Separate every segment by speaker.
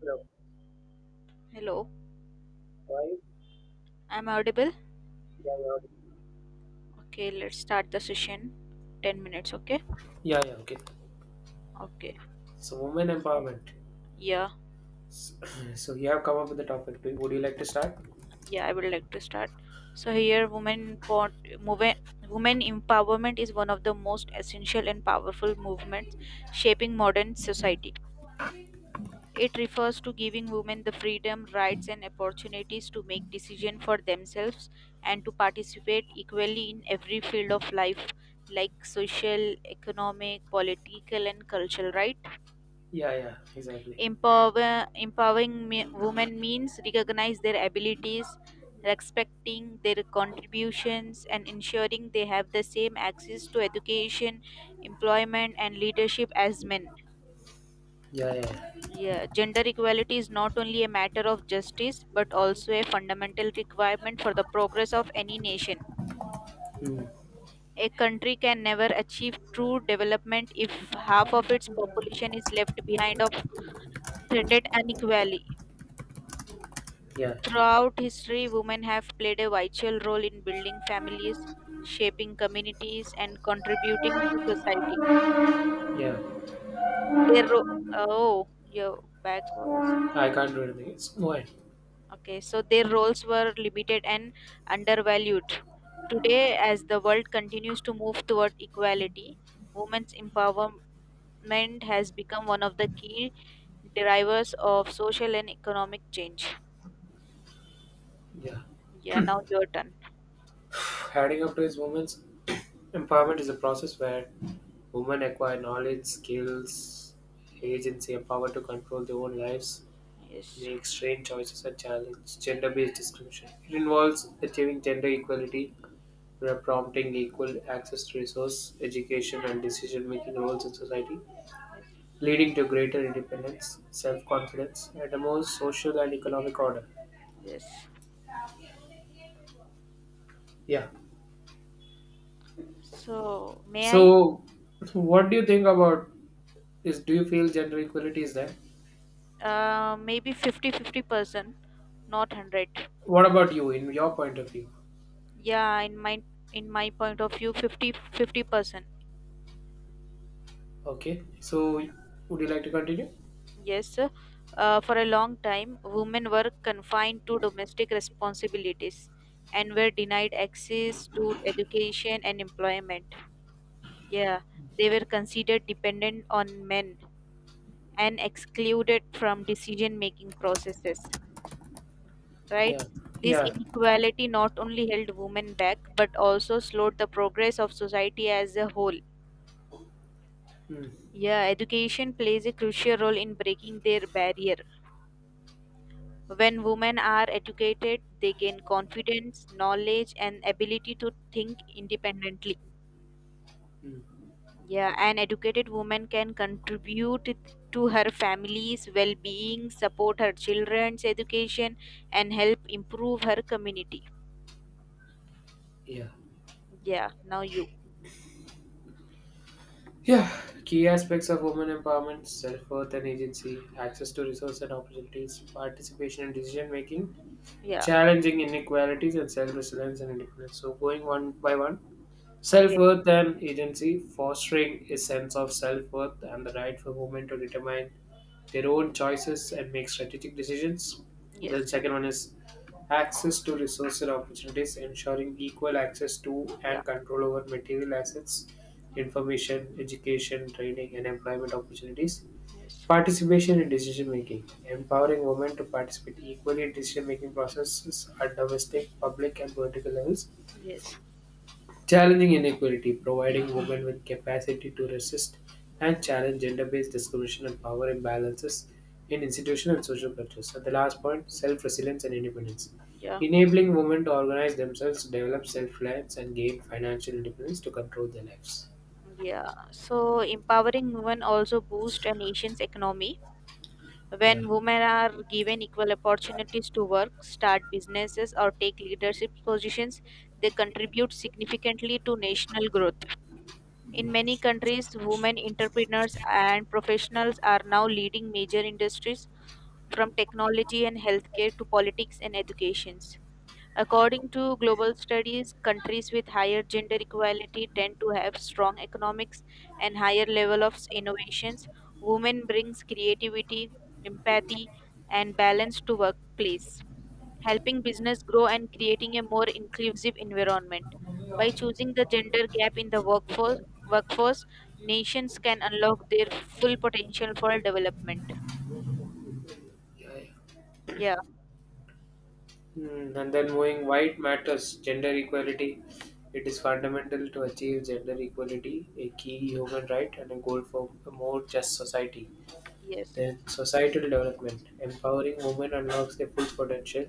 Speaker 1: Hello.
Speaker 2: Hello,
Speaker 1: Why?
Speaker 2: I'm audible.
Speaker 1: Yeah, yeah.
Speaker 2: Okay, let's start the session. 10 minutes, okay?
Speaker 1: Yeah, yeah. Okay.
Speaker 2: Okay.
Speaker 1: So, women empowerment.
Speaker 2: Yeah,
Speaker 1: S- So, you have come up with the topic. Would you like to start?
Speaker 2: yeah, I would like to start. So here women empowerment is one of the most essential and powerful movements shaping modern society. It refers to giving women the freedom, rights and opportunities to make decisions for themselves and to participate equally in every field of life like social, economic, political and cultural, right?
Speaker 1: Yeah, yeah. Exactly.
Speaker 2: Empowering women means recognize their abilities, respecting their contributions, and ensuring they have the same access to education, employment, and leadership as men.
Speaker 1: Yeah, yeah.
Speaker 2: Yeah, gender equality is not only a matter of justice but also a fundamental requirement for the progress of any nation.
Speaker 1: Hmm.
Speaker 2: A country can never achieve true development if half of its population is left behind of threatened unequality.
Speaker 1: Yeah,
Speaker 2: Throughout history, women have played a vital role in building families, shaping communities, and contributing to society.
Speaker 1: yeah.
Speaker 2: Their ro- oh, your back voice.
Speaker 1: I can't do anything. It's why.
Speaker 2: Okay, so their roles were limited and undervalued. Today, as the world continues to move toward equality, women's empowerment has become one of the key drivers of social and economic change.
Speaker 1: Yeah.
Speaker 2: Yeah, now your turn.
Speaker 1: Adding up to is women's empowerment is a process where women acquire knowledge, skills,
Speaker 2: Yes,
Speaker 1: agency, and power to control their own lives,
Speaker 2: yes,
Speaker 1: make strange choices, and challenge gender-based discrimination. It involves achieving gender equality were prompting equal access to resource, education, and decision making roles in society,
Speaker 2: yes,
Speaker 1: leading to greater independence, self confidence, and a more social and economic order.
Speaker 2: yes.
Speaker 1: Yeah.
Speaker 2: So, may I?
Speaker 1: So, what do you think about this? Do you feel gender equality is there?
Speaker 2: Maybe 50-50%, not 100.
Speaker 1: What about you, in your point of view?
Speaker 2: Yeah, in my point of view, 50-50%.
Speaker 1: Okay. So, would you like to continue?
Speaker 2: Yes, for a long time, women were confined to domestic responsibilities and were denied access to education and employment. Yeah, they were considered dependent on men and excluded from decision making processes, right?
Speaker 1: Yeah.
Speaker 2: This
Speaker 1: Yeah.
Speaker 2: inequality not only held women back but also slowed the progress of society as a whole.
Speaker 1: Mm.
Speaker 2: Yeah, education plays a crucial role in breaking their barrier. When women are educated, they gain confidence, knowledge, and ability to think independently.
Speaker 1: Mm.
Speaker 2: Yeah, an educated woman can contribute to her family's well being, support her children's education, and help improve her community.
Speaker 1: Yeah.
Speaker 2: Yeah, now you.
Speaker 1: Yeah, key aspects of women empowerment, self worth and agency, access to resources and opportunities, participation in decision making,
Speaker 2: Yeah,
Speaker 1: challenging inequalities and self-resilience and independence. So going one by one,
Speaker 2: okay.
Speaker 1: self-worth and agency, fostering a sense of self-worth and the right for women to determine their own choices and make strategic decisions. Then
Speaker 2: Yes,
Speaker 1: second one is access to resources and opportunities, ensuring equal access to
Speaker 2: yeah,
Speaker 1: and control over material assets, information, education, training, and employment opportunities.
Speaker 2: yes,
Speaker 1: Participation in decision-making: empowering women to participate equally in decision-making processes at domestic, public, and political levels.
Speaker 2: yes,
Speaker 1: Challenging inequality: providing women with capacity to resist and challenge gender-based discrimination and power imbalances in institutional and social cultures. And the last point: self-resilience and independence.
Speaker 2: yeah,
Speaker 1: Enabling women to organize themselves, develop self-reliance, and gain financial independence to control their lives.
Speaker 2: yeah. So empowering women also boosts a nation's economy.
Speaker 1: Yeah,
Speaker 2: When women are given equal opportunities to work, start businesses, or take leadership positions, they contribute significantly to national growth. In many countries, women entrepreneurs and professionals are now leading major industries, from technology and healthcare to politics and educations. According to global studies, countries with higher gender equality tend to have strong economics and higher level of innovations. Women brings creativity, empathy and balance to workplace, helping business grow and creating a more inclusive environment. By choosing the gender gap in the workforce, workforce nations can unlock their full potential for development.
Speaker 1: yeah.
Speaker 2: Yeah,
Speaker 1: And then moving white matters, gender equality. It is fundamental to achieve gender equality, a key human right and a goal for a more just society.
Speaker 2: yes,
Speaker 1: Then societal development. Empowering women unlocks their full potential,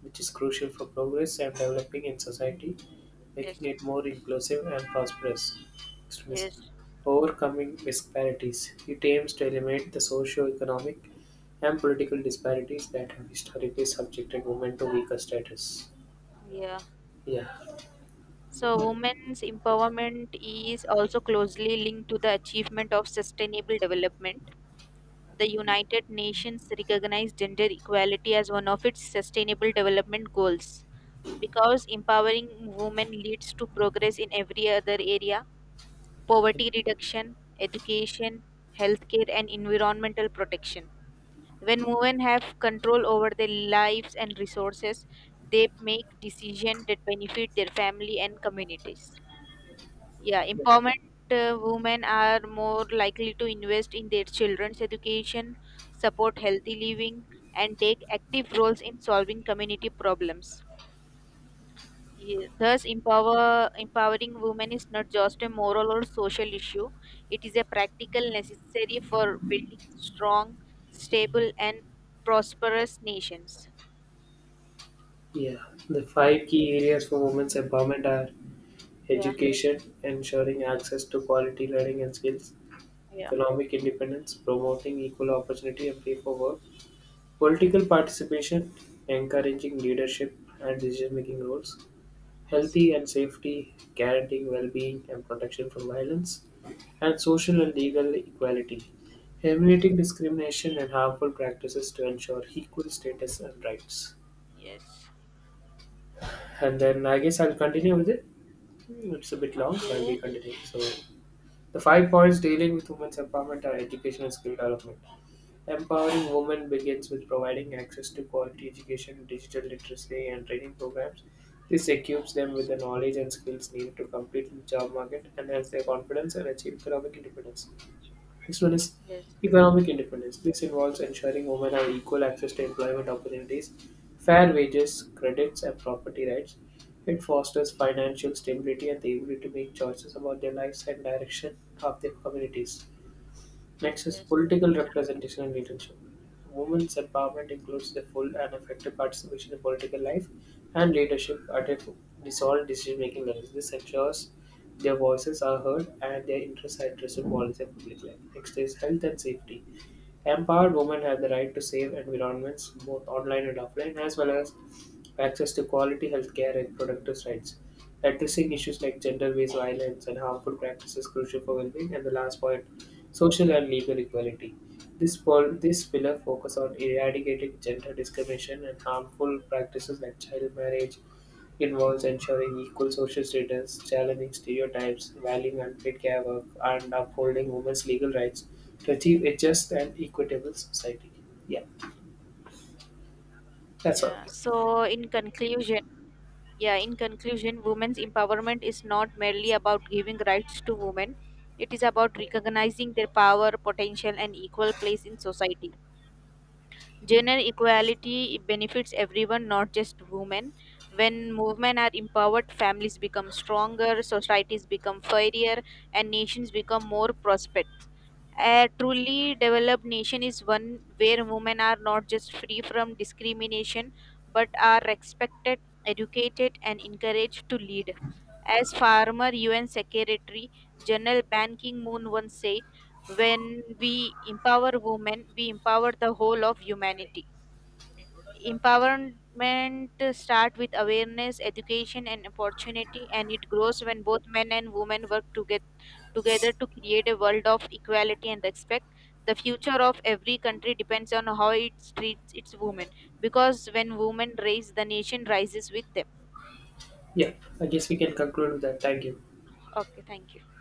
Speaker 1: which is crucial for progress and developing in society, making
Speaker 2: yes,
Speaker 1: it more inclusive and prosperous. Next one is
Speaker 2: yes,
Speaker 1: overcoming disparities. It aims to eliminate the socio-economic and political disparities that have historically subjected women to weaker status.
Speaker 2: yeah.
Speaker 1: Yeah,
Speaker 2: So, women's empowerment is also closely linked to the achievement of sustainable development. The United Nations recognized gender equality as one of its sustainable development goals because empowering women leads to progress in every other area: poverty reduction, education, healthcare, and environmental protection. When women have control over their lives and resources, they make decisions that benefit their family and communities. Yeah, empowerment women are more likely to invest in their children's education, support healthy living, and take active roles in solving community problems. Yeah, thus, empowering women is not just a moral or social issue, it is a practical necessary for building strong, stable, and prosperous nations.
Speaker 1: yeah. The five key areas for women's empowerment are
Speaker 2: Yeah,
Speaker 1: education, ensuring access to quality learning and skills;
Speaker 2: yeah.
Speaker 1: economic independence, promoting equal opportunity and pay for work; political participation, encouraging leadership and decision making roles;
Speaker 2: Yes,
Speaker 1: healthy and safety, guaranteeing well being and protection from violence; and social and legal equality,
Speaker 2: yes,
Speaker 1: eliminating
Speaker 2: yes.
Speaker 1: discrimination and harmful practices to ensure equal status and rights.
Speaker 2: Yes.
Speaker 1: And then I guess I'll continue with it. It's a bit long, so I'll be
Speaker 2: Okay.
Speaker 1: continuing. So, the five points dealing with women's empowerment are education and skill development. Empowering women begins with providing access to quality education, digital literacy, and training programs. This equips them with
Speaker 2: Yes,
Speaker 1: the knowledge and skills needed to compete in the job market, enhance their confidence, and achieve economic independence. Next one is
Speaker 2: yes,
Speaker 1: economic independence. This involves ensuring women have equal access to employment opportunities, fair wages, credits, and property rights. It fosters financial stability and the ability to make choices about their lives and direction of their communities. Next is
Speaker 2: yes.
Speaker 1: political representation and leadership. Women's empowerment includes the full and effective participation in political life and leadership at all decision-making levels. This ensures their voices are heard and their interests are addressed in policy and public life. Next is health and safety. Empowered women have the right to safe environments, both online and offline, as well as access to quality healthcare and productive rights. Addressing issues like gender-based violence and harmful practices is crucial for well-being. And the last point, social and legal equality. This pillar focus on eradicating gender discrimination and harmful practices like child marriage. Involves ensuring equal social status, challenging stereotypes, valuing unpaid care work, and upholding women's legal rights to achieve a just and equitable society. Yeah, that's all.
Speaker 2: Yeah, so in conclusion, women's empowerment is not merely about giving rights to women. It is about recognizing their power, potential, and equal place in society. Gender equality benefits everyone, not just women. When women are empowered, families become stronger, societies become fairer, and nations become more prosperous. A truly developed nation is one where women are not just free from discrimination but are respected, educated, and encouraged to lead. As former UN Secretary General Ban Ki moon once said, when we empower women we empower the whole of humanity. Empowerment starts with awareness, education and opportunity, and it grows when both men and women work together to create a world of equality and respect. The future of every country depends on how it treats its women, because when women raise, the nation rises with them.
Speaker 1: Yeah, I guess we can conclude with that. Thank you.
Speaker 2: Okay, thank you.